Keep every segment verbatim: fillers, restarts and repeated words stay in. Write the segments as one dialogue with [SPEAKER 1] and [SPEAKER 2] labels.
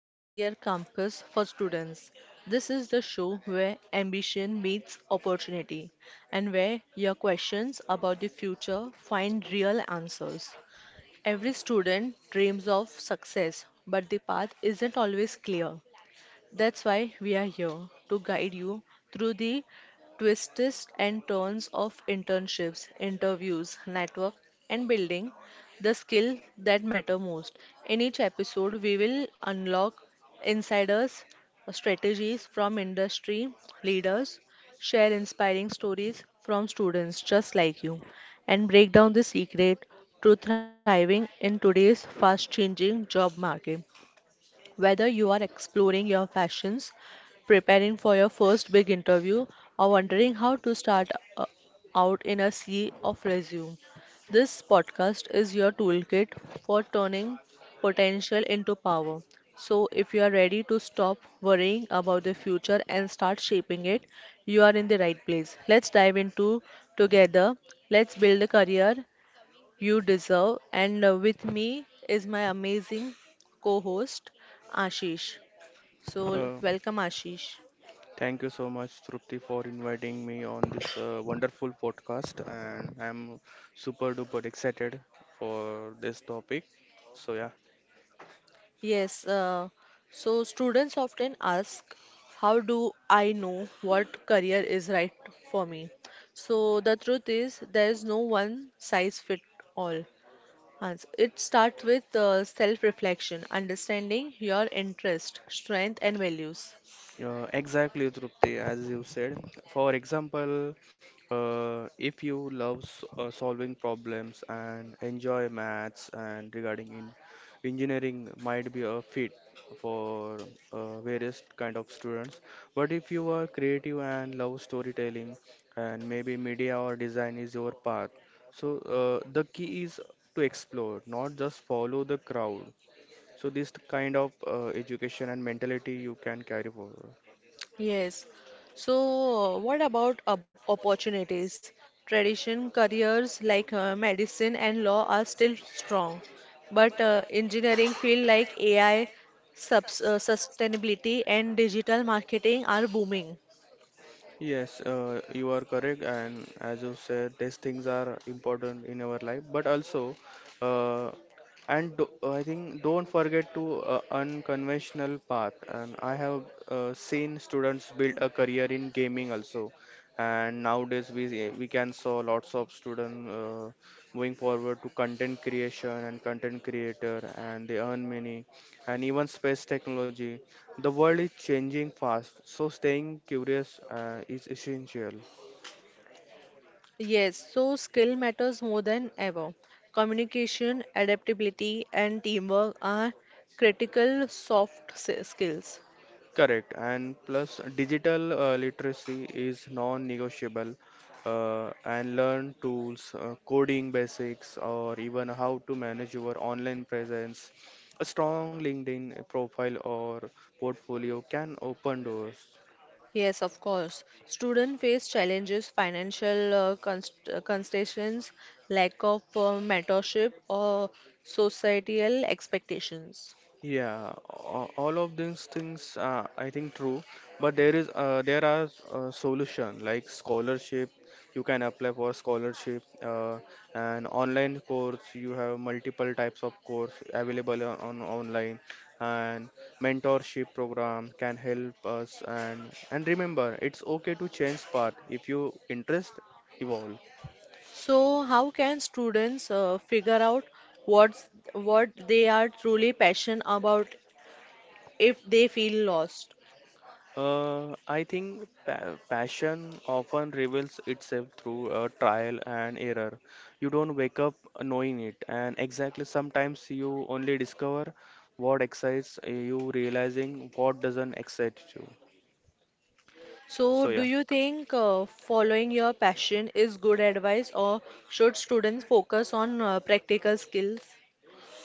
[SPEAKER 1] the career campus for students. This is the show where ambition meets opportunity and where your questions about the future find real answers. Every student dreams of success, but the path isn't always clear. That's why we are here to guide you through the twists and turns of internships, interviews, network, and building the skill that matter most. In each episode, we will unlock insiders' strategies from industry leaders, share inspiring stories from students just like you, and break down the secret to thriving in today's fast-changing job market. Whether you are exploring your passions, preparing for your first big interview, or wondering how to start uh, out in a sea of resume, this podcast is your toolkit for turning potential into power. So, if you are ready to stop worrying about the future and start shaping it, you are in the right place. Let's dive into together. Let's build a career you deserve. And uh, with me is my amazing co host, Ashish. So, l-
[SPEAKER 2] Uh,
[SPEAKER 1] welcome, Ashish.
[SPEAKER 2] Thank you so much, Trupti, for inviting me on this uh, wonderful podcast, and I'm super duper excited for this topic. So yeah,
[SPEAKER 1] Yes, uh, so students often ask, how do I know what career is right for me? So, the truth is, there is no one size fit all. Hans, it starts with uh, self reflection, understanding your interest, strength, and values.
[SPEAKER 2] Uh, exactly, Trupti, as you said. For example, uh, if you love s- uh, solving problems and enjoy maths and regarding in engineering might be a fit for uh, various kind of students. But if you are creative and love storytelling and maybe media or design is your path. So uh, the key is to explore, not just follow the crowd. So this kind of uh, education and mentality you can carry forward.
[SPEAKER 1] Yes. So, what about op- opportunities? Tradition careers like uh, medicine and law are still strong, but uh, engineering field like A I, subs uh, sustainability, and digital marketing are booming.
[SPEAKER 2] Yes, uh, you are correct, and as you said, these things are important in our life. But also, uh, and do, I think don't forget to uh, unconventional path. And I have uh, seen students build a career in gaming also. And nowadays we we can saw lots of students uh, moving forward to content creation and content creator, and they earn many, and even space technology. The world is changing fast, so staying curious uh, is essential.
[SPEAKER 1] Yes, so skill matters more than ever. Communication, adaptability, and teamwork are critical soft s- skills.
[SPEAKER 2] Correct. And plus, digital uh, literacy is non-negotiable. Uh, and learn tools, uh, coding basics, or even how to manage your online presence. A strong LinkedIn profile or portfolio can open doors.
[SPEAKER 1] Yes, of course. Students face challenges, financial uh, const- uh, constraints, lack of uh, mentorship, or societal expectations.
[SPEAKER 2] Yeah, a- all of these things uh, I think true, but there is uh, there are uh, solution like scholarship. You can apply for scholarship uh, and online course. You have multiple types of course available on, on online, and mentorship program can help us. And and remember, it's okay to change path if you interest evolve.
[SPEAKER 1] So, how can students uh, figure out what's, what they are truly passionate about if they feel lost?
[SPEAKER 2] Uh, I think pa- passion often reveals itself through uh, trial and error. You don't wake up knowing it, and exactly sometimes you only discover what excites uh, you, realizing what doesn't excite you.
[SPEAKER 1] So,
[SPEAKER 2] So,
[SPEAKER 1] do
[SPEAKER 2] yeah.
[SPEAKER 1] you think uh, following your passion is good advice, or should students focus on uh, practical skills?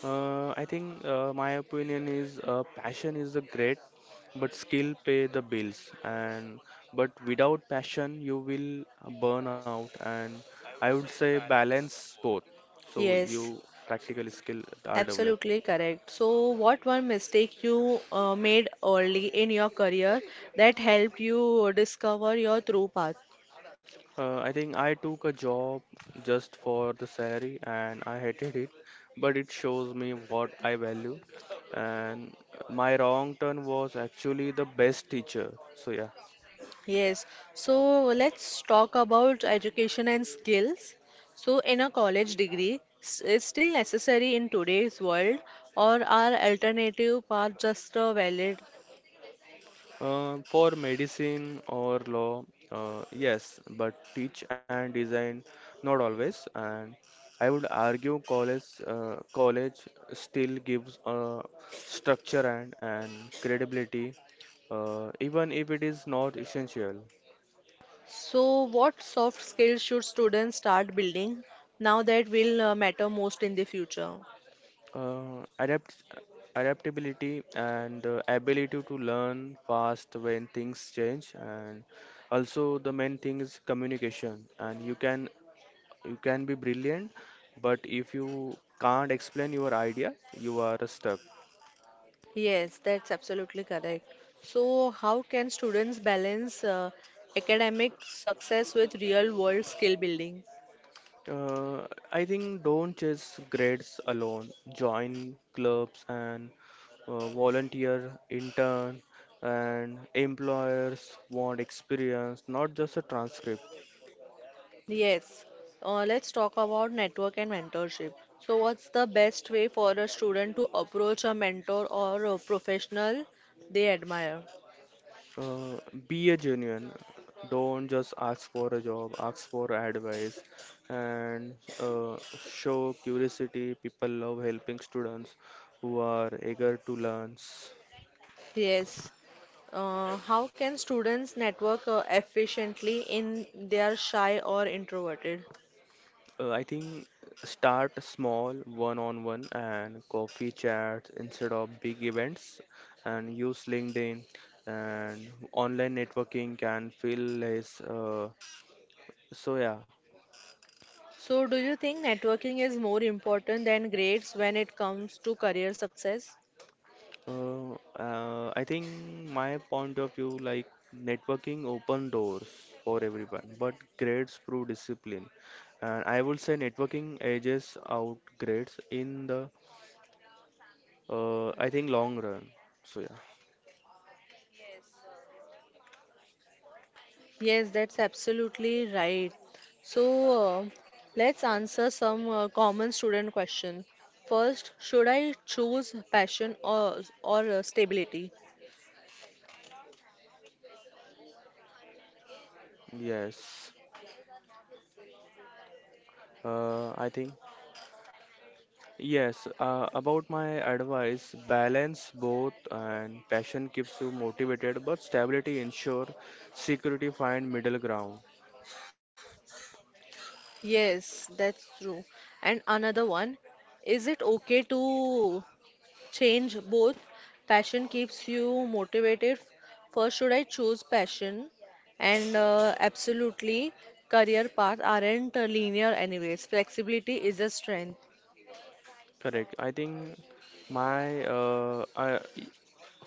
[SPEAKER 2] Uh, I think uh, my opinion is uh, passion is a great, but skill pay the bills. And but without passion, you will uh, burn out. And I would say balance both. So yes,
[SPEAKER 1] Yes.
[SPEAKER 2] you practical skill are developed.
[SPEAKER 1] Absolutely correct. So, what one mistake you uh, made early in your career that helped you discover your true path?
[SPEAKER 2] Uh, I think I took a job just for the salary and I hated it, but it shows me what I value. And my wrong turn was actually the best teacher. So, yeah.
[SPEAKER 1] Yes. So, let's talk about education and skills. So, in a college degree, s- is still necessary in today's world, or are alternative paths just uh, valid?
[SPEAKER 2] Uh, for medicine or law, uh, yes, but teach and design, not always. And I would argue college, uh, college still gives uh, structure and, and credibility, uh, even if it is not essential.
[SPEAKER 1] So, what soft skills should students start building now that will uh, matter most in the future?
[SPEAKER 2] Uh, adapt Adaptability and uh, ability to learn fast when things change, and also the main thing is communication, and you can you can be brilliant, but if you can't explain your idea, you are stuck.
[SPEAKER 1] Yes, that's absolutely correct. So, how can students balance uh, academic success with real world skill building?
[SPEAKER 2] uh, I think don't chase grades alone, join clubs and uh, volunteer intern, and employers want experience, not just a transcript.
[SPEAKER 1] Yes, uh, let's talk about network and mentorship. So, what's the best way for a student to approach a mentor or a professional they admire?
[SPEAKER 2] Uh, be a genuine. Don't just ask for a job, ask for advice and uh, show curiosity. People love helping students who are eager to learn.
[SPEAKER 1] Yes, uh, how can students network uh, efficiently in they are shy or introverted?
[SPEAKER 2] Uh, I think start small, one on one, and coffee chats instead of big events, and use LinkedIn, and online networking can feel less. Uh, so, yeah.
[SPEAKER 1] So, do you think networking is more important than grades when it comes to career success?
[SPEAKER 2] Uh, uh, I think my point of view, like networking open doors for everyone, but grades prove discipline. And I would say networking edges out grades in the, uh, I think long run. So yeah,
[SPEAKER 1] Yes, that's absolutely right. So, uh, let's answer some uh, common student question. First, should I choose passion or or uh, stability?
[SPEAKER 2] yes. Uh, I think yes. Uh, about my advice, balance both, and passion keeps you motivated, but stability ensure security, find middle ground.
[SPEAKER 1] Yes, that's true. And another one, is it okay to change both passion keeps you motivated first should I choose passion and uh, absolutely career path aren't uh, linear anyways flexibility is a strength.
[SPEAKER 2] Correct. I think my uh, I,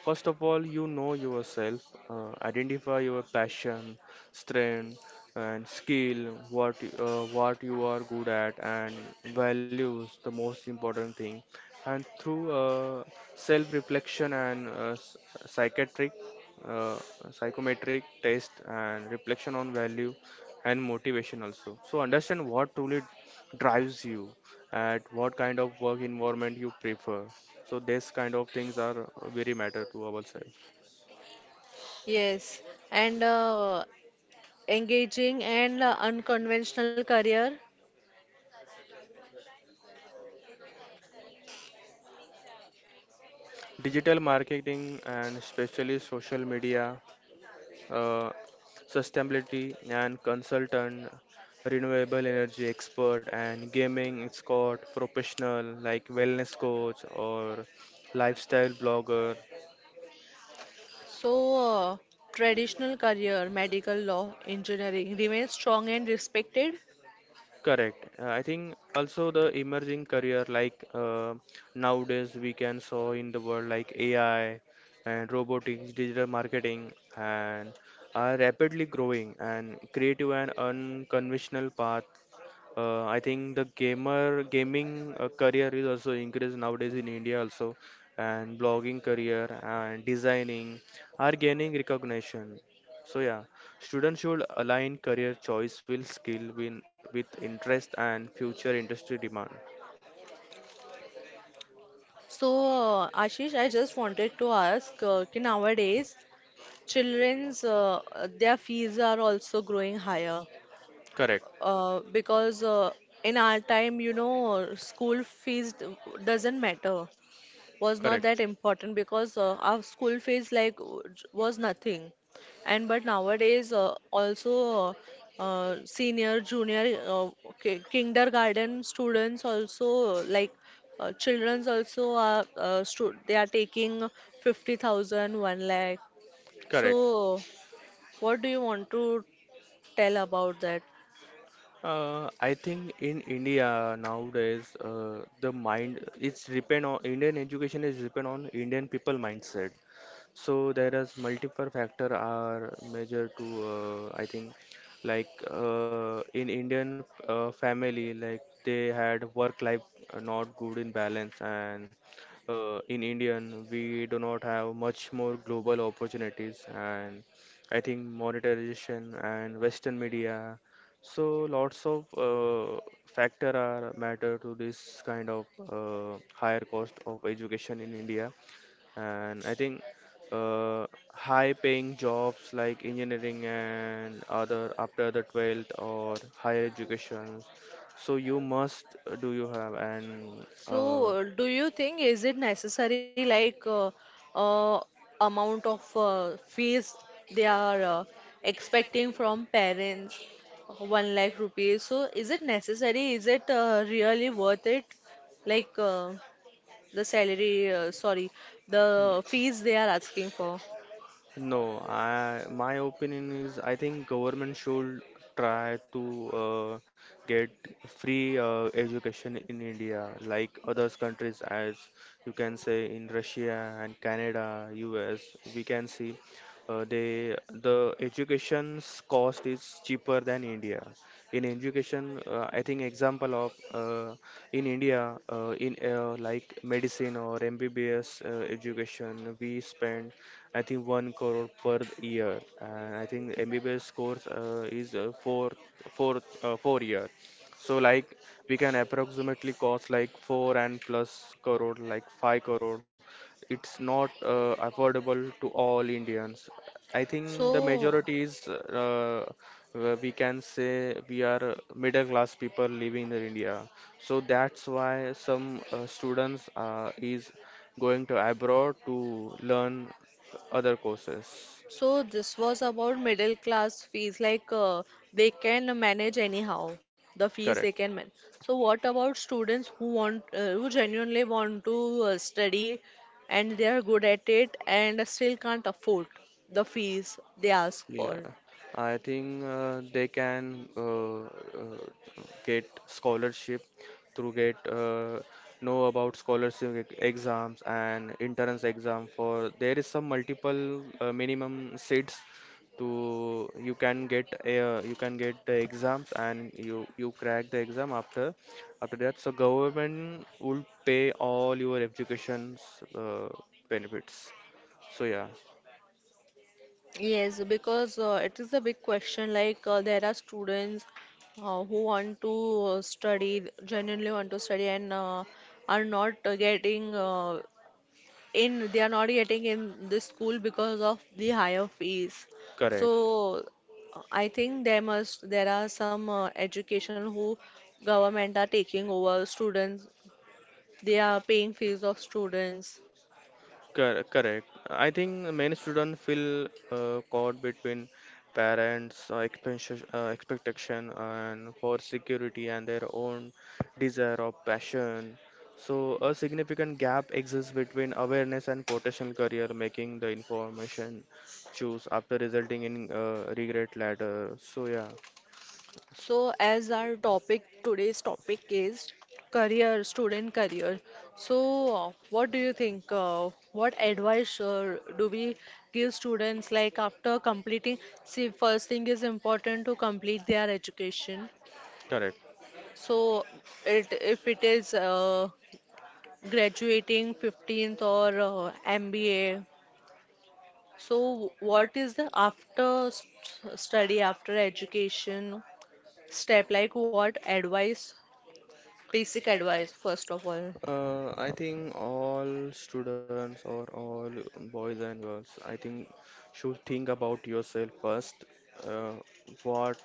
[SPEAKER 2] First of all, you know yourself, uh, identify your passion, strength, and skill, what y- uh, what you are good at, and values, the most important thing. And through uh, self-reflection and uh, s- psychiatric, uh, psychometric test, and reflection on value and motivation also. So understand what truly drives you at what kind of work environment you prefer, so this kind of things are very matter to ourselves.
[SPEAKER 1] Yes, and uh, engaging and uh, unconventional career.
[SPEAKER 2] Digital marketing and especially social media, uh, sustainability and consultant, renewable energy expert, and gaming escort professional like wellness coach or lifestyle blogger.
[SPEAKER 1] So, uh, traditional career medical law engineering remains strong and respected.
[SPEAKER 2] Correct. Uh, I think also the emerging career like uh, nowadays we can saw in the world like A I and robotics, digital marketing, and are rapidly growing, and creative and unconventional path. uh, I think the gamer gaming uh, career is also increased nowadays in India also, and blogging career and designing are gaining recognition. So yeah, students should align career choice with skill win with interest and future industry demand.
[SPEAKER 1] So, uh, Ashish, I just wanted to ask, uh, कि nowadays children's uh, uh, their fees are also growing higher
[SPEAKER 2] Correct,
[SPEAKER 1] uh, because uh, in our time, you know, school fees d- doesn't matter, was not
[SPEAKER 2] correct,
[SPEAKER 1] that important because uh, our school fees like w- j- was nothing. And but nowadays uh, also uh, uh, senior, junior, uh, ki- kindergarten students also uh, like uh, children's also are uh, stu they are taking fifty thousand one lakh.
[SPEAKER 2] correct.
[SPEAKER 1] So, what do you want to tell about that?
[SPEAKER 2] Uh, I think in India nowadays, uh, the mind it's depend on Indian education is depend on Indian people mindset. So there is multiple factor are major to, uh, I think, like uh, in Indian uh, family, like they had work life uh, not good in balance, and uh, in Indian we do not have much more global opportunities, and I think monetization and Western media, so lots of uh, factor are matter to this kind of uh, higher cost of education in India. And I think uh, high-paying jobs like engineering and other after the twelfth or higher educations. So you must uh, do you have and
[SPEAKER 1] So,
[SPEAKER 2] uh,
[SPEAKER 1] uh, do you think is it necessary like uh, uh, amount of uh, fees they are uh, expecting from parents, one lakh rupees? So, is it necessary? Is it uh, really worth it? Like uh, the salary, uh, sorry, the fees they are asking for.
[SPEAKER 2] No, I, my opinion is I think government should try to uh, get free uh, education in India, like others countries, as you can say in Russia and Canada, U S. We can see uh, they the education's cost is cheaper than India. In education, uh, I think example of uh, in India uh, in uh, like medicine or M B B S uh, education, we spend I think one crore per year. And I think M B B S course uh, is uh, four, four, uh, four year. So like we can approximately cost like four and plus crore, like five crore. It's not uh, affordable to all Indians. I think the
[SPEAKER 1] So,
[SPEAKER 2] majority is uh, uh, we can say we are middle class people living in India. So that's why some uh, students uh, is going to abroad to learn other courses.
[SPEAKER 1] so this was about middle class fees, like uh, they can manage anyhow, the fees they
[SPEAKER 2] Correct.
[SPEAKER 1] can manage. So what about students who want, uh, who genuinely want to uh, study and they are good at it and still can't afford the fees they ask
[SPEAKER 2] Yeah,
[SPEAKER 1] for?
[SPEAKER 2] I think uh, they can uh, uh, get scholarship through get uh, know about scholarship e- exams and entrance exam, for there is some multiple uh, minimum seats to you can get uh, you can get the exams, and you you crack the exam after after that, so government will pay all your education's uh, benefits. So yeah,
[SPEAKER 1] Yes, because uh, it is a big question. Like uh, there are students uh, who want to uh, study, genuinely want to study, and uh, are not uh, getting uh, in they are not getting in the school because of the higher fees.
[SPEAKER 2] correct.
[SPEAKER 1] So I think there must there are some uh, education who government are taking over students. They are paying fees of students.
[SPEAKER 2] Cor- Correct. I think many students feel uh, caught between parents' uh, expectation, uh, expectation and for security, and their own desire or passion. So a significant gap exists between awareness and potential career, making the information choose after, resulting in uh, regret later. So yeah,
[SPEAKER 1] So, as our topic today's topic is career, student career. So, uh, what do you think? Uh, what advice uh, do we give students like after completing? See, first thing is important to complete their education.
[SPEAKER 2] correct.
[SPEAKER 1] So it if it is uh, graduating fifteenth or uh, M B A, so what is the after st study, after education step? Like what advice, basic advice, first of all.
[SPEAKER 2] Uh, I think all students or all boys and girls, I think should think about yourself first. Uh, what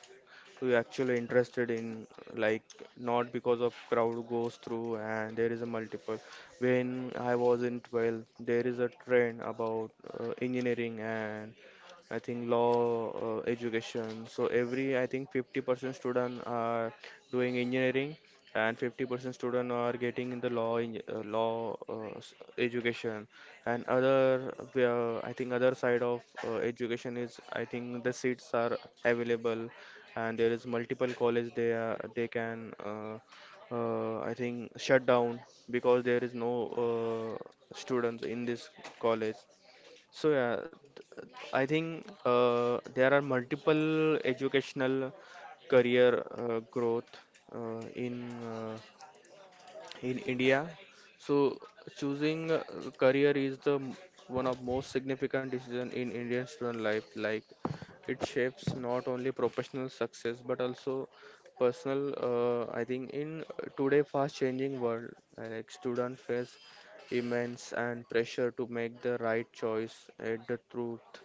[SPEAKER 2] do you actually interested in? Like not because of crowd goes through, and there is a multiple. When I was in twelve, there is a trend about uh, engineering and I think law, uh, education. So every I think fifty percent student are doing engineering, and fifty percent student are getting in the law, in, uh, law uh, s- education. And other, uh, I think other side of uh, education is I think the seats are available, and there is multiple college they are, they can uh, uh, I think shut down because there is no uh, students in this college. So yeah, th- I think uh, there are multiple educational career uh, growth uh, in uh, in India. So choosing a career is the m- one of most significant decision in Indian student life. Like it shapes not only professional success but also personal. Uh, I think in today fast changing world, uh, like student face immense and pressure to make the right choice. And the truth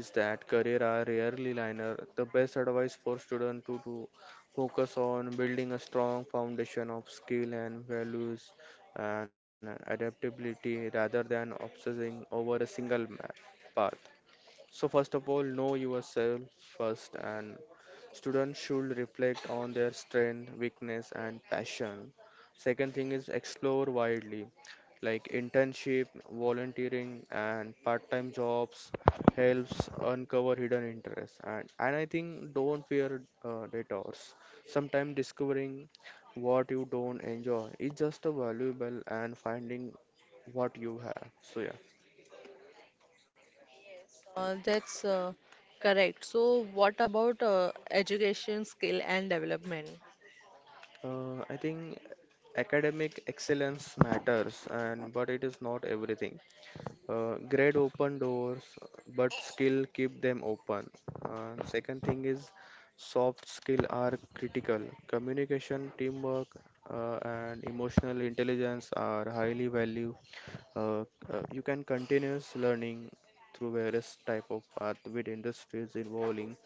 [SPEAKER 2] is that career are rarely linear. The best advice for student to do focus on building a strong foundation of skill and values and adaptability rather than obsessing over a single ma- path. So, first of all, know yourself first, and students should reflect on their strength, weakness, and passion. Second thing is explore widely, like internship, volunteering, and part-time jobs helps uncover hidden interests. And and I think don't fear uh, detours. Sometimes discovering what you don't enjoy is just a valuable and finding what you have. So yeah.
[SPEAKER 1] Uh, that's uh, correct. So what about uh, education, skill and development?
[SPEAKER 2] Uh, I think academic excellence matters, and but it is not everything. Uh, great open doors, but skill keep them open. Uh, second thing is soft skill are critical. Communication, teamwork, uh, and emotional intelligence are highly valued. Uh, uh, you can continuous learning through various type of path with industries evolving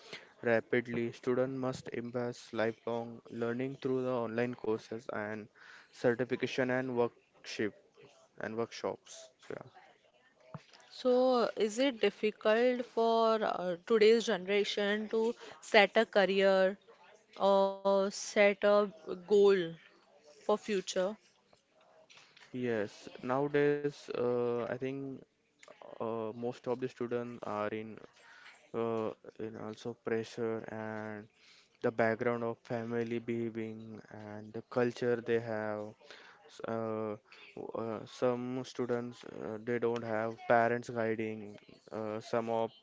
[SPEAKER 2] rapidly. Student must embrace lifelong learning through the online courses and certification and workshop and workshops. So, yeah.
[SPEAKER 1] So, is it difficult for uh, today's generation to set a career or set a goal for future?
[SPEAKER 2] Yes, nowadays uh, I think uh, most of the students are in uh, in also pressure and the background of family behaving and the culture they have. S- Uh, w- uh, some students uh, they don't have parents guiding. Uh, some of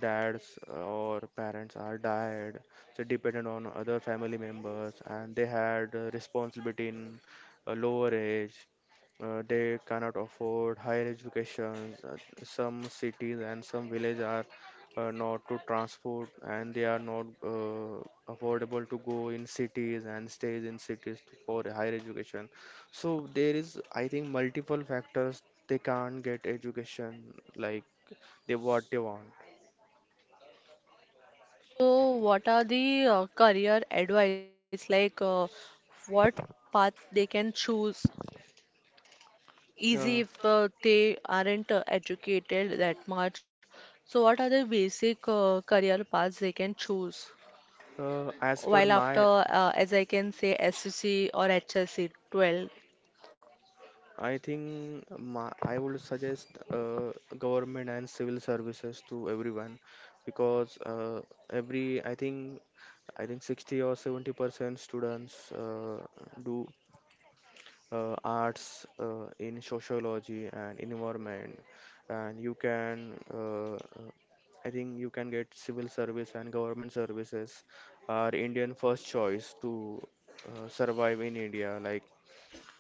[SPEAKER 2] dads or parents are died, so dependent on other family members, and they had uh, responsibility in a lower age. Uh, they cannot afford higher education. Uh, Some cities and some villages are uh, not to transport, and they are not uh, affordable to go in cities and stays in cities to- for higher education. So there is, I think, multiple factors they can't get education like they what they want.
[SPEAKER 1] So, what are the uh, career advice like uh, what path they can choose?
[SPEAKER 2] Yeah.
[SPEAKER 1] Easy if uh, they aren't uh, educated that much. So, what are the basic uh, career paths they can choose?
[SPEAKER 2] Uh, as per
[SPEAKER 1] While
[SPEAKER 2] my,
[SPEAKER 1] after, uh, as I can say, S S C or H S C twelve.
[SPEAKER 2] I think my, I would suggest uh, government and civil services to everyone because uh, every I think I think sixty or seventy percent students uh, do uh, arts uh, in sociology and environment, and you can uh, uh, I think you can get civil service and government services are Indian first choice to uh, survive in India like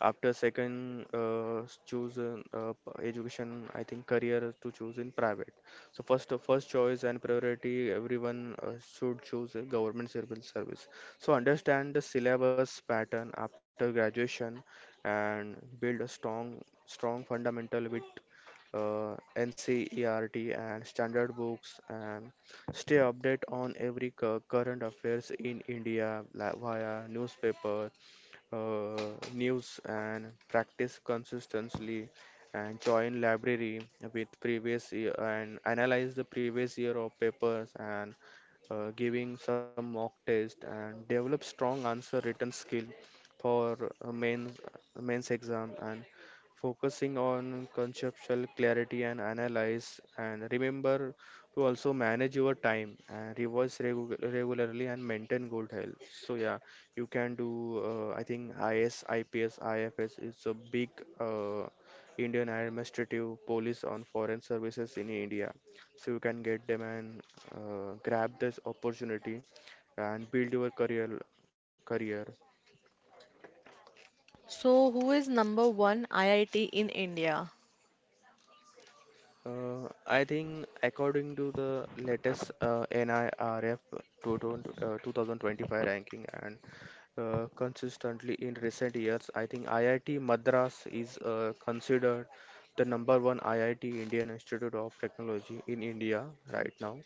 [SPEAKER 2] after second, uh, s- choose uh, uh, p- education. I think career to choose in private. So first, uh, first choice and priority. Everyone uh, should choose a government civil service. So understand the syllabus pattern after graduation, and build a strong, strong fundamental with uh, NCERT and standard books, and stay update on every cu- current affairs in India like via newspaper uh, news and practice consistently and join library with previous year and analyze the previous year of papers and uh, giving some mock test and develop strong answer written skill for uh, main uh, mains exam and focusing on conceptual clarity and analyze and remember to also manage your time and revise regu- regularly and maintain good health. So yeah, you can do, uh, I think, I S, I P S, I F S is a big uh, Indian Administrative Police on Foreign Services in India. So you can get them and uh, grab this opportunity and build your career career
[SPEAKER 1] So, who is number one I I T in India?
[SPEAKER 2] Uh, I think according to the latest uh, nerf twenty twenty, uh, two thousand twenty-five ranking and uh, consistently in recent years, I think I I T Madras is uh, considered the number one I I T Indian Institute of Technology in India right now,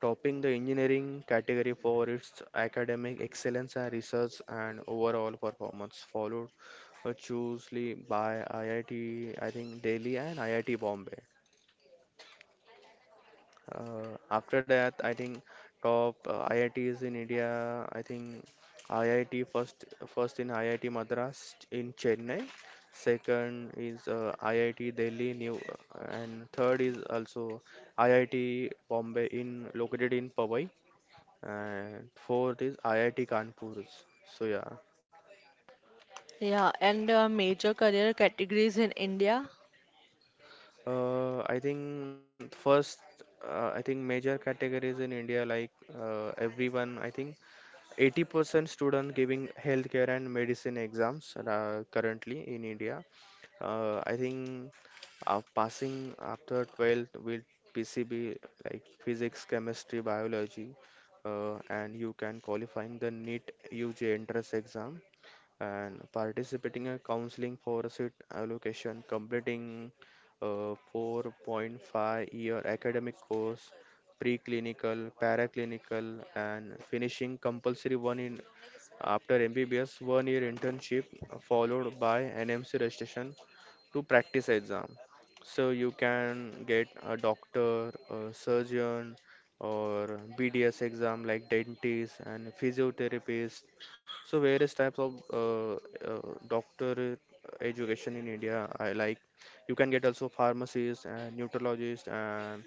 [SPEAKER 2] topping the engineering category for its academic excellence and research and overall performance, followed uh, closely by I I T, I T, I think Delhi and I I T Bombay. Uh, after that, I think top uh, I I Ts in India. I think I I T first, first in I I T Madras in Chennai. Second is uh, I I T Delhi, New, uh, and third is also I I T Bombay in located in Powai, and fourth is I I T Kanpur. So yeah,
[SPEAKER 1] Yeah, and uh, major career categories in India.
[SPEAKER 2] uh, I think first, uh, I think major categories in India like uh, everyone. I think eighty percent student giving healthcare and medicine exams uh, currently in India. Uh, I think uh, passing after twelfth with P C B like physics, chemistry, biology, uh, and you can qualifying the NEET U G entrance exam and participating in counseling for seat allocation, completing a four point five year academic course, preclinical, paraclinical, and finishing compulsory one in after M B B S one year internship followed by N M C registration to practice exam. So you can get a doctor, a surgeon, or B D S exam like dentist and physiotherapist, so various types of uh, uh, doctor education in India. I like you can get also pharmacists and neurologist and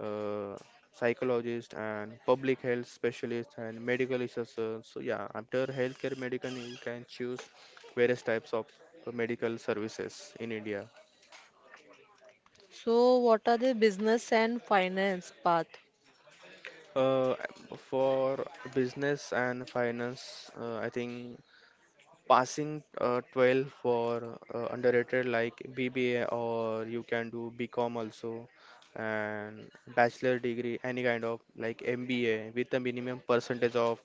[SPEAKER 2] uh, psychologist and public health specialist and medical researcher. So yeah, after healthcare medicine, you can choose various types of uh, medical services in India.
[SPEAKER 1] So, what are the business and finance path?
[SPEAKER 2] Uh, for business and finance, uh, I think passing uh, twelve for uh, underrated like B B A or you can do BCom also, and bachelor degree any kind of like M B A with a minimum percentage of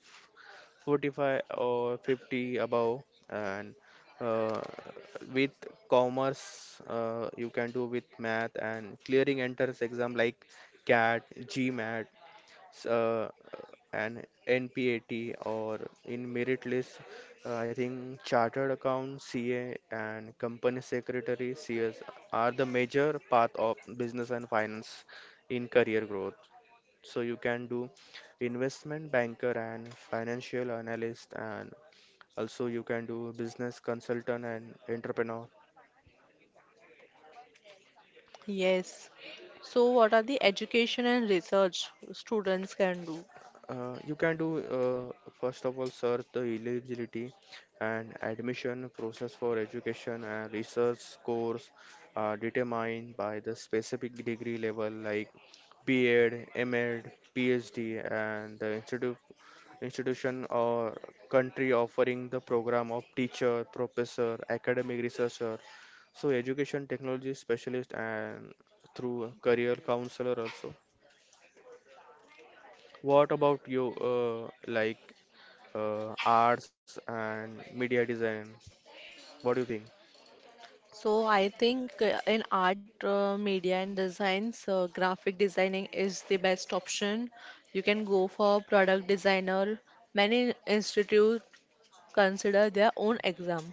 [SPEAKER 2] forty-five or fifty above, and uh, with commerce uh, you can do with math and clearing entrance exam like CAT, GMAT, s- uh, an NPAT, or in merit list, uh, I think chartered account C A and company secretary C S are the major path of business and finance in career growth. So you can do investment banker and financial analyst, and also you can do business consultant and entrepreneur.
[SPEAKER 1] Yes. So, what are the education and research students can do?
[SPEAKER 2] Uh, you can do uh, first of all search the eligibility and admission process for education and research course are determined by the specific degree level like B Ed, M Ed, P H D, and the institute institution or country offering the program of teacher, professor, academic researcher. So education technology specialist and through career counselor also. What about you? Uh, like uh, arts and media design. What do you think?
[SPEAKER 1] So, I think uh, in art, uh, media, and designs, uh, graphic designing is the best option. You can go for product designer. Many institute consider their own exam.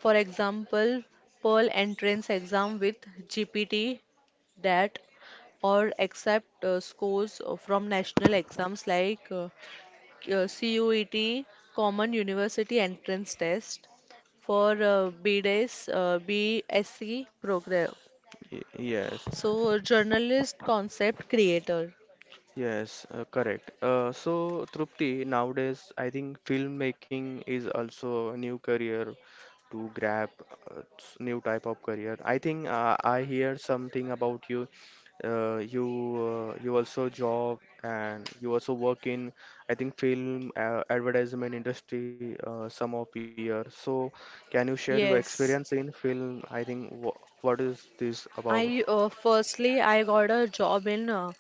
[SPEAKER 1] For example, Pearl entrance exam with G P T that or accept uh, scores from national exams like uh, uh, C U E T, Common University Entrance Test for uh, B D E S, uh, BSc program.
[SPEAKER 2] Y- Yes,
[SPEAKER 1] So, journalist concept creator.
[SPEAKER 2] yes, uh, correct. Uh, so, Trupti, nowadays I think filmmaking is also a new career to grab, uh, s- new type of career. I think uh, I hear something about you uh, you uh, you also job, and you also work in I think film uh, advertisement industry uh, some of year. So can you share your
[SPEAKER 1] Yes,
[SPEAKER 2] experience in film? I think wha what is this
[SPEAKER 1] I
[SPEAKER 2] about?
[SPEAKER 1] uh, firstly I got a job in uh,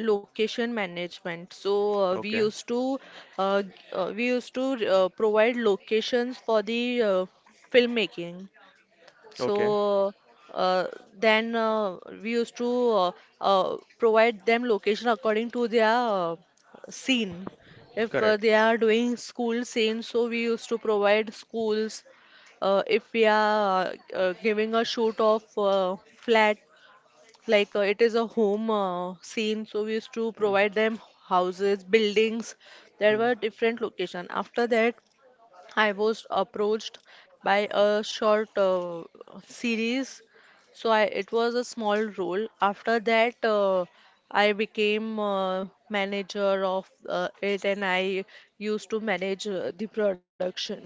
[SPEAKER 1] location management. So uh, we
[SPEAKER 2] Okay,
[SPEAKER 1] used to uh, g- uh, we used to uh, provide locations for the uh, filmmaking.
[SPEAKER 2] okay.
[SPEAKER 1] So uh, then uh, we used to uh, uh, provide them location according to their uh, scene. If uh,
[SPEAKER 2] Correct.
[SPEAKER 1] they are doing school scene, so we used to provide schools. Uh, if we are uh, uh, giving a shoot of uh, flat, like uh, it is a home uh, scene, so we used to provide them houses, buildings. There
[SPEAKER 2] Hmm. Hmm.
[SPEAKER 1] were different location. After that, I was approached by a short uh, series, so I, it was a small role. After that, uh, I became uh, manager of uh, it, and I used to manage uh, the production.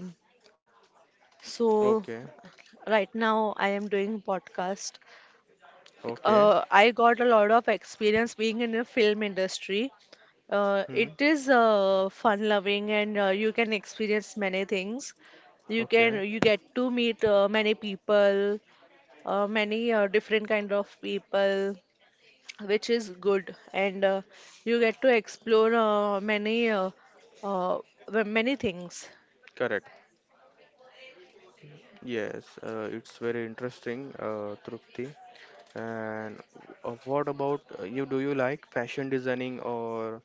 [SPEAKER 1] So
[SPEAKER 2] Okay.
[SPEAKER 1] right now, I am doing podcast.
[SPEAKER 2] Okay.
[SPEAKER 1] uh, I got a lot of experience being in the film industry. Uh,
[SPEAKER 2] Hmm.
[SPEAKER 1] it is uh, fun loving and uh, you can experience many things. You
[SPEAKER 2] Okay.
[SPEAKER 1] can you get to meet uh, many people, uh, many uh, different kind of people, which is good. And uh, you get to explore uh, many uh, uh, w- many things.
[SPEAKER 2] Correct. Yes, uh, it's very interesting, uh, Trupti. And uh, what about uh, you? Do you like fashion designing or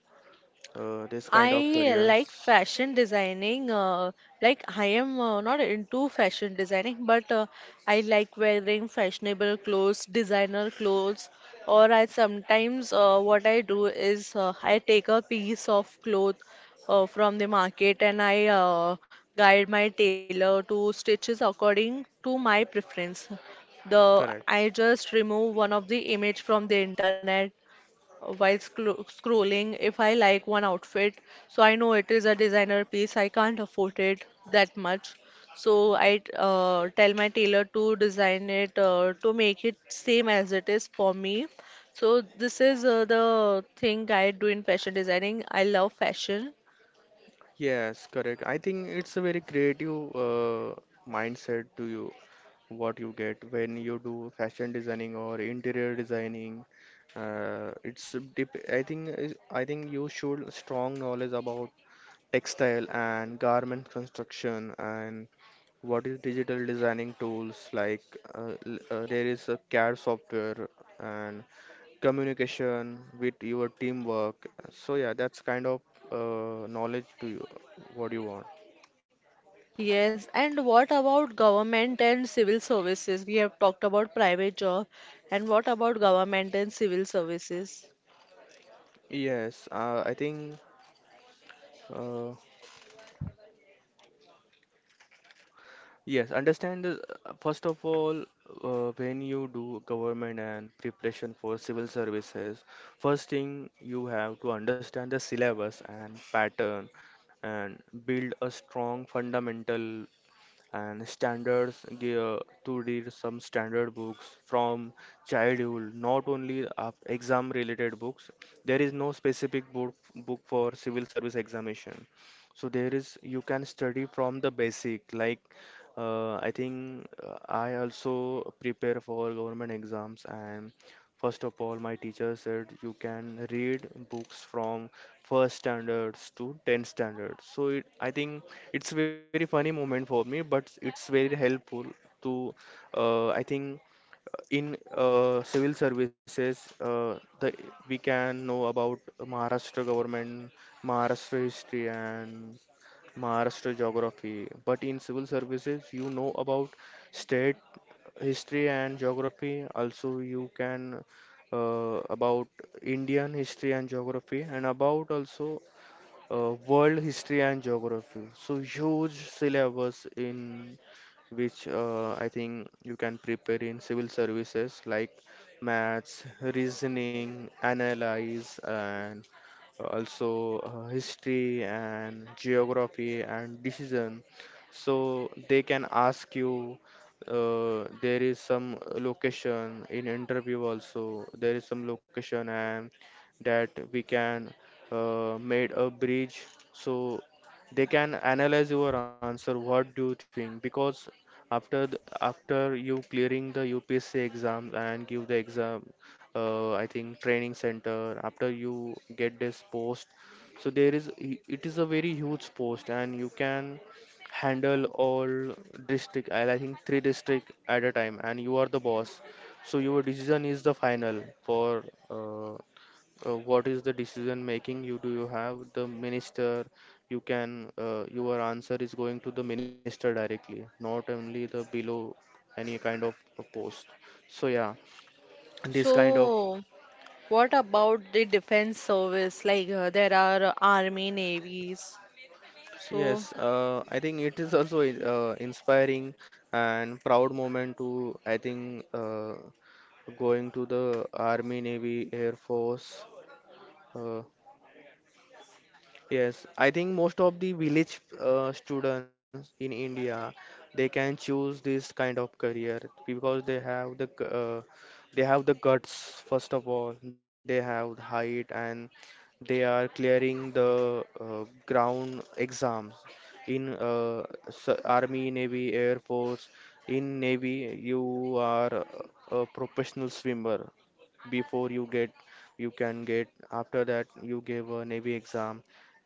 [SPEAKER 2] uh, this kind of
[SPEAKER 1] I like
[SPEAKER 2] careers?
[SPEAKER 1] fashion designing. Uh, like I am uh, not into fashion designing, but uh, I like wearing fashionable clothes, designer clothes. Or I sometimes uh, what I do is uh, I take a piece of cloth uh, from the market and I uh, guide my tailor to stitches according to my preference. The
[SPEAKER 2] Correct.
[SPEAKER 1] I just remove one of the image from the internet while scro- scrolling if I like one outfit. So I know it is a designer piece, I can't afford it that much. So I uh, tell my tailor to design it uh, to make it same as it is for me. So this is uh, the thing I do in fashion designing. I love fashion.
[SPEAKER 2] Yes, correct. I think it's a very creative uh, mindset to you, what you get when you do fashion designing or interior designing. Uh, it's dep I think is- I think you should strong knowledge about textile and garment construction, and what is digital designing tools like? Uh, l- uh, there is a CAD software and communication with your teamwork. So yeah, that's kind of uh, knowledge to you. What you want?
[SPEAKER 1] Yes, and what about government and civil services? We have talked about private job, and what about government and civil services?
[SPEAKER 2] Yes, uh, I think uh, yes. Understand the, uh, first of all uh, when you do government and preparation for civil services. First thing you have to understand the syllabus and pattern and build a strong fundamental and standards ge- to read some standard books from childhood, not only uh, exam related books. There is no specific book book for civil service examination. So there is you can study from the basic like uh, I think uh, I also prepare for government exams. And first of all my teacher said you can read books from first standards to ten standards. So it, I think it's very funny moment for me, but it's very helpful to uh, I think uh, in uh, civil services uh, the we can know about Maharashtra government, Maharashtra history, and Maharashtra geography. But in civil services you know about state history and geography. Also you can uh, about Indian history and geography, and about also uh, world history and geography. So huge syllabus in which uh, I think you can prepare in civil services like maths, reasoning, analyze, and uh, also uh, history and geography and decision. So they can ask you. Uh, there is some location in interview also. There is some location and that we can uh, made a bridge, so they can analyze your answer what do you think. Because after the, after you clearing the U P S C exams and give the exam uh, I think training center after you get this post. So there is i- it is a very huge post and you can handle all district, I I think three district at a time, and you are the boss. So your decision is the final for uh, uh, what is the decision making you do. You have the minister, you can uh, your answer is going to the minister directly, not only the below any kind of a post. So yeah, this kind of.
[SPEAKER 1] So, what about the defense service? Like uh, there are uh, army, navies. So,
[SPEAKER 2] Yes, uh, I think it is also i- uh, inspiring and proud moment to I think uh, going to the army navy air force. Uh, Yes, I think most of the village uh, students in India they can choose this kind of career, because they have the g- uh, they have the guts, first of all they have the height, and they are clearing the uh, ground exams in uh, s- army navy air force. In navy you are a professional swimmer before you get you can get after that you give a navy exam.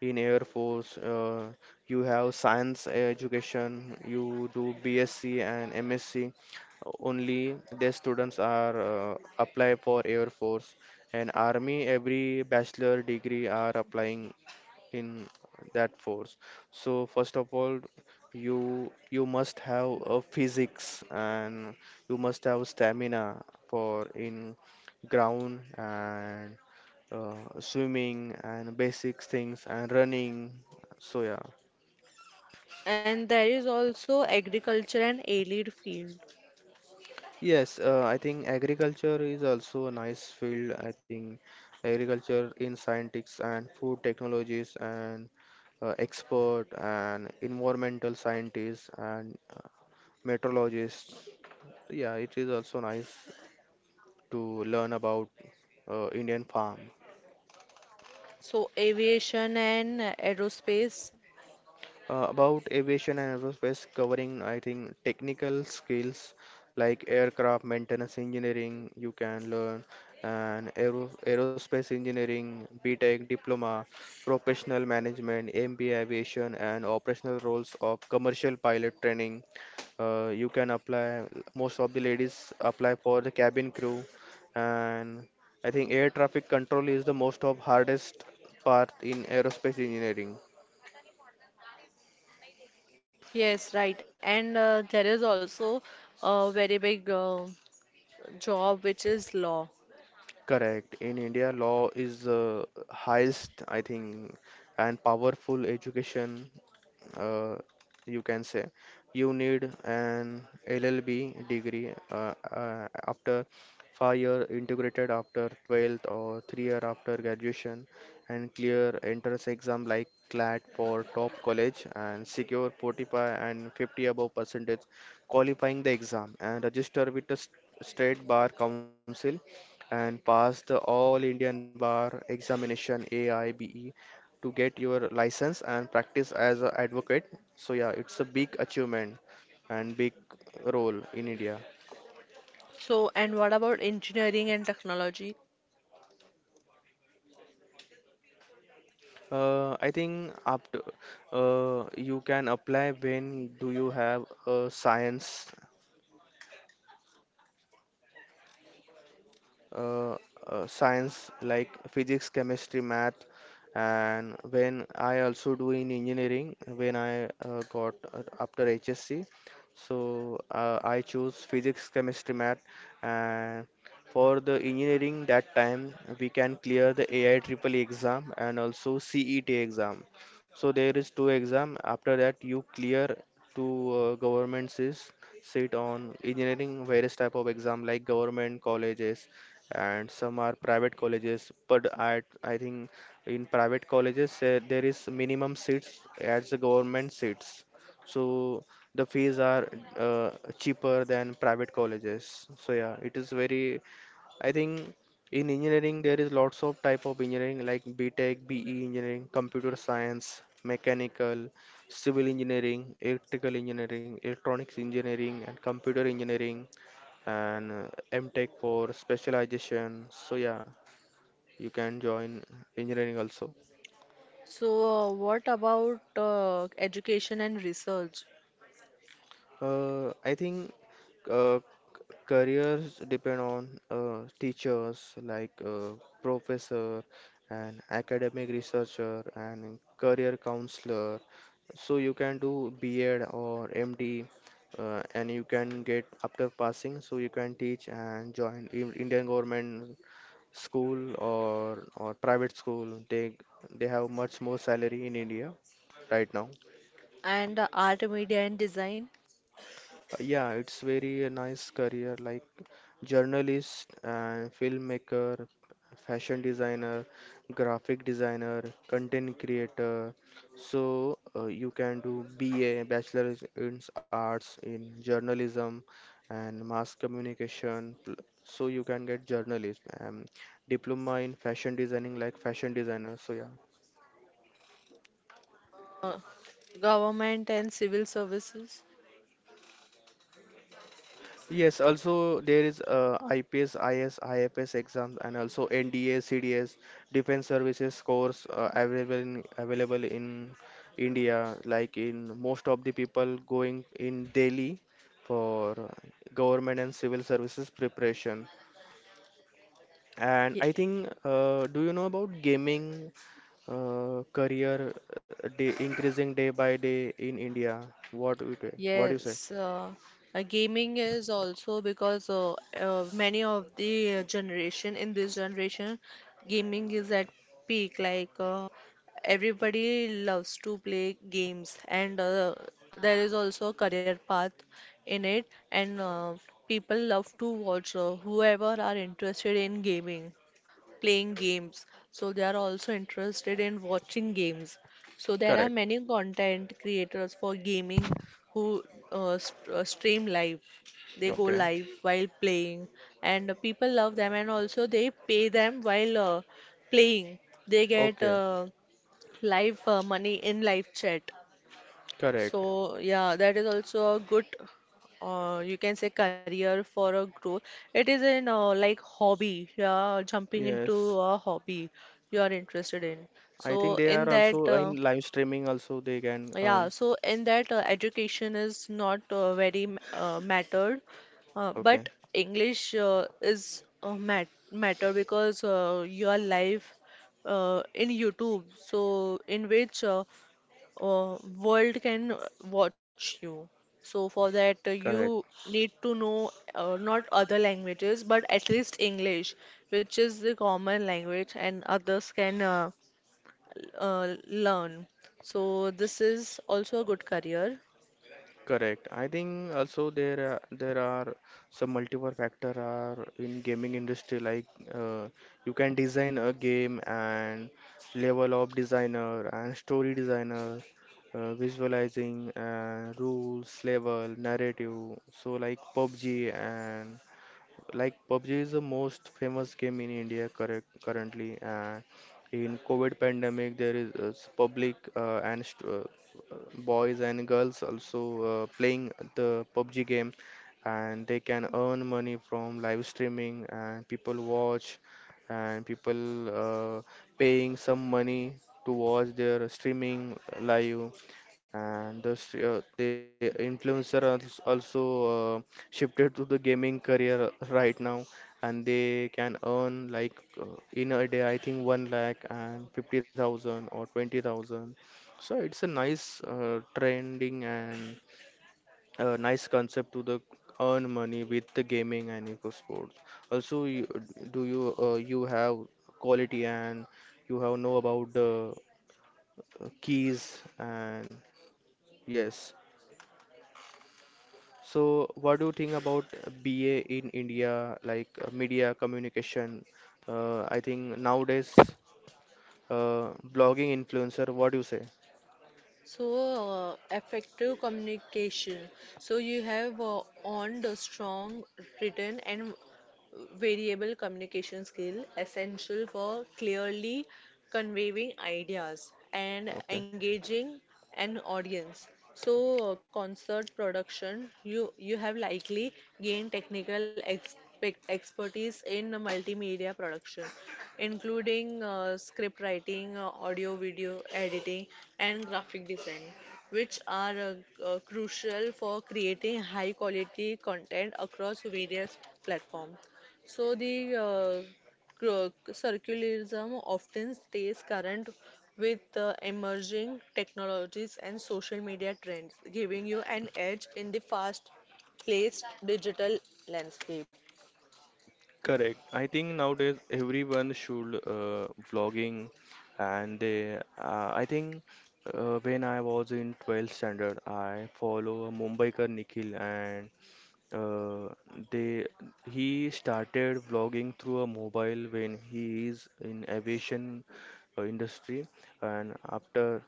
[SPEAKER 2] In Air Force, uh, you have science education, you do B S C and M S C. Only the students are uh, apply for Air Force and Army. Every bachelor degree are applying in that force. So first of all, you you must have a physics and you must have stamina for in ground and uh, swimming and basic things and running. So yeah,
[SPEAKER 1] and there is also agriculture and allied field.
[SPEAKER 2] yes, uh, I think agriculture is also a nice field. I think agriculture in scientists and food technologies and uh, expert and environmental scientists and uh, meteorologists. Yeah, it is also nice to learn about uh, Indian farm.
[SPEAKER 1] So, aviation and uh, aerospace.
[SPEAKER 2] Uh, about aviation and aerospace covering I think technical skills like aircraft maintenance engineering you can learn, and aero, aerospace engineering B Tech diploma, professional management M B A aviation, and operational roles of commercial pilot training. Uh, you can apply most of the ladies apply for the cabin crew. And I think air traffic control is the most of hardest part in aerospace engineering.
[SPEAKER 1] Yes, right. And uh, there is also a very big uh, job which is law.
[SPEAKER 2] Correct. In India, law is uh, highest, I think, and powerful education, uh, you can say. You need an L L B degree uh, uh, after five year integrated after twelfth or three year after graduation and clear entrance exam like CLAT for top college and secure forty-five and fifty above percentage qualifying the exam and register with the s- state bar council and pass the All Indian Bar Examination A I B E to get your license and practice as an advocate. So yeah, it's a big achievement and big role in India.
[SPEAKER 1] So, and what about engineering and technology?
[SPEAKER 2] Uh, I think after uh, you can apply when do you have a science uh, uh, science like physics, chemistry, math, and when I also do in engineering when I uh, got uh, after H S C, so uh, I choose physics, chemistry, math, and for the engineering that time we can clear the A I triple E exam and also C E T exam. So there is two exam. After that you clear to uh, governments is sit on engineering various type of exam like government colleges and some are private colleges, but i i think in private colleges uh, there is minimum seats as the government seats, so the fees are uh, cheaper than private colleges. So yeah, it is very, I think, in engineering there is lots of type of engineering like btech, be engineering, computer science, mechanical, civil engineering, electrical engineering, electronics engineering, and computer engineering, and uh, MTech for specialization. So yeah, you can join engineering also.
[SPEAKER 1] So, uh, what about uh, education and research
[SPEAKER 2] Uh, I think uh, careers depend on uh, teachers like uh, professor and academic researcher and career counselor. So you can do B Ed or M D. Uh, and you can get after passing, so you can teach and join in Indian government school or or private school. They they have much more salary in India right now.
[SPEAKER 1] and uh, art, media and design?
[SPEAKER 2] Uh, yeah, it's very a nice career like journalist and filmmaker, fashion designer, graphic designer, content creator. So uh, you can do B A, Bachelor in Arts in journalism and mass communication. pl- So you can get journalist and diploma in fashion designing like fashion designer. So yeah.
[SPEAKER 1] uh, government and civil services.
[SPEAKER 2] Yes, also there is uh, IPS, IS, IFS exams and also NDA, CDS, Defense Services course uh, available in, available in India. Like in most of the people going in Delhi for uh, government and civil services preparation. And
[SPEAKER 1] Ye-
[SPEAKER 2] I think, uh, do you know about gaming uh, career uh, day increasing day by day in India? What do you, what do you say?
[SPEAKER 1] Yes, uh, uh, gaming is also because uh, uh, many of the uh, generation in this generation, gaming is at peak. Like uh, everybody loves to play games, and uh, there is also a career path in it. And uh, people love to watch uh, whoever are interested in gaming. Playing games so they are also interested in watching games so there are
[SPEAKER 2] Correct.
[SPEAKER 1] many content creators for gaming who uh, st- uh, stream live. They go
[SPEAKER 2] Okay.
[SPEAKER 1] live while playing and people love them and also they pay them while uh, playing they get
[SPEAKER 2] Okay.
[SPEAKER 1] uh, live uh, money in live chat.
[SPEAKER 2] Correct.
[SPEAKER 1] So yeah, that is also a good, uh, you can say career for a growth. It is in uh, like hobby, yeah, jumping into
[SPEAKER 2] Yes.
[SPEAKER 1] a hobby you are interested in.
[SPEAKER 2] I think
[SPEAKER 1] So
[SPEAKER 2] they
[SPEAKER 1] in
[SPEAKER 2] are
[SPEAKER 1] that,
[SPEAKER 2] also
[SPEAKER 1] uh,
[SPEAKER 2] in live streaming also they can
[SPEAKER 1] yeah,
[SPEAKER 2] earn.
[SPEAKER 1] so in that uh, education is not uh, very m- uh, mattered, uh,
[SPEAKER 2] Okay.
[SPEAKER 1] but English uh, is uh, mat matter because uh, your life uh, in YouTube, so in which uh, uh, world can watch you. So for that, uh,
[SPEAKER 2] Correct.
[SPEAKER 1] you need to know uh, not other languages, but at least English, which is the common language, and others can uh, uh, learn. So this is also a good career.
[SPEAKER 2] Correct. I think also there are, there are some multiple factor are in gaming industry like uh, you can design a game and level of designer and story designer, uh, visualizing uh, rules, level, narrative. So like PUBG, and like PUBG is the most famous game in India correct currently, and in COVID pandemic there is uh, s- public uh, and st uh, uh, boys and girls also uh, playing the PUBG game, and they can earn money from live streaming and people watch, and people uh, paying some money to watch their streaming live, and the, s- uh, the influencer als- also uh, shifted to the gaming career right now, and they can earn like uh, in a day, I think, one lakh and fifty thousand or twenty thousand. So it's a nice uh, trending and a nice concept to the earn money with the gaming and eco sports. Also, you, do you uh, you have quality and you have know about the uh, keys and yes. So, what do you think about B A in India, like uh, media communication? Uh, I think nowadays, uh, blogging influencer, what do you say?
[SPEAKER 1] So, uh, effective communication. So, you have uh, earned a strong written and variable communication skill essential for clearly conveying ideas and
[SPEAKER 2] Okay.
[SPEAKER 1] engaging an audience. So uh, concert production, you you have likely gained technical expect, expertise in multimedia production including uh, script writing, uh, audio video editing and graphic design which are uh, uh, crucial for creating high quality content across various platforms. So the uh, cro- circularism often stays current with uh, emerging technologies and social media trends, giving you an edge in the fast-paced digital landscape.
[SPEAKER 2] Correct. I think nowadays everyone should uh, vlogging, and they. Uh, I think uh, when I was in twelfth standard, I follow a Mumbaikar Nikhil, and uh, they he started vlogging through a mobile when he is in aviation uh, industry, and after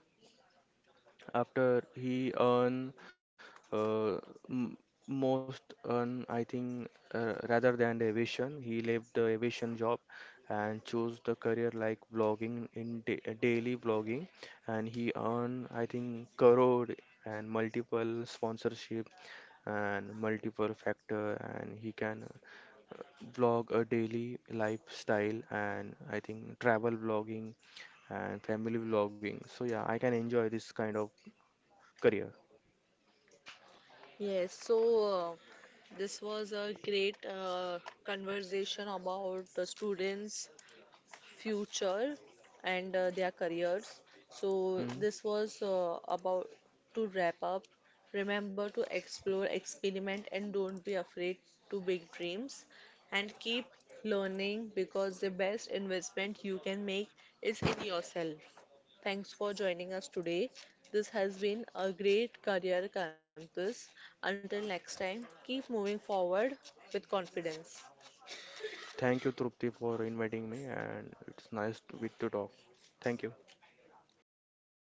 [SPEAKER 2] after he earn uh, m most earn, I think, uh, rather than the aviation, he left the aviation job and chose the career like vlogging in da daily vlogging, and he earn, I think, crore and multiple sponsorship and multiple factor, and he can vlog a daily lifestyle and, I think, travel vlogging and family vlogging. So yeah, I can enjoy this kind of career.
[SPEAKER 1] Yes, so uh, this was a great uh, conversation about the students future and uh, their careers. So,
[SPEAKER 2] Hmm.
[SPEAKER 1] this was uh, about to wrap up. Remember to explore, experiment, and don't be afraid to big dreams. And keep learning because the best investment you can make is in yourself. Thanks for joining us today. This has been a great career campus. Until next time, keep moving forward with confidence.
[SPEAKER 2] Thank you, Trupti, for inviting me, and it's nice to, with to talk. Thank you.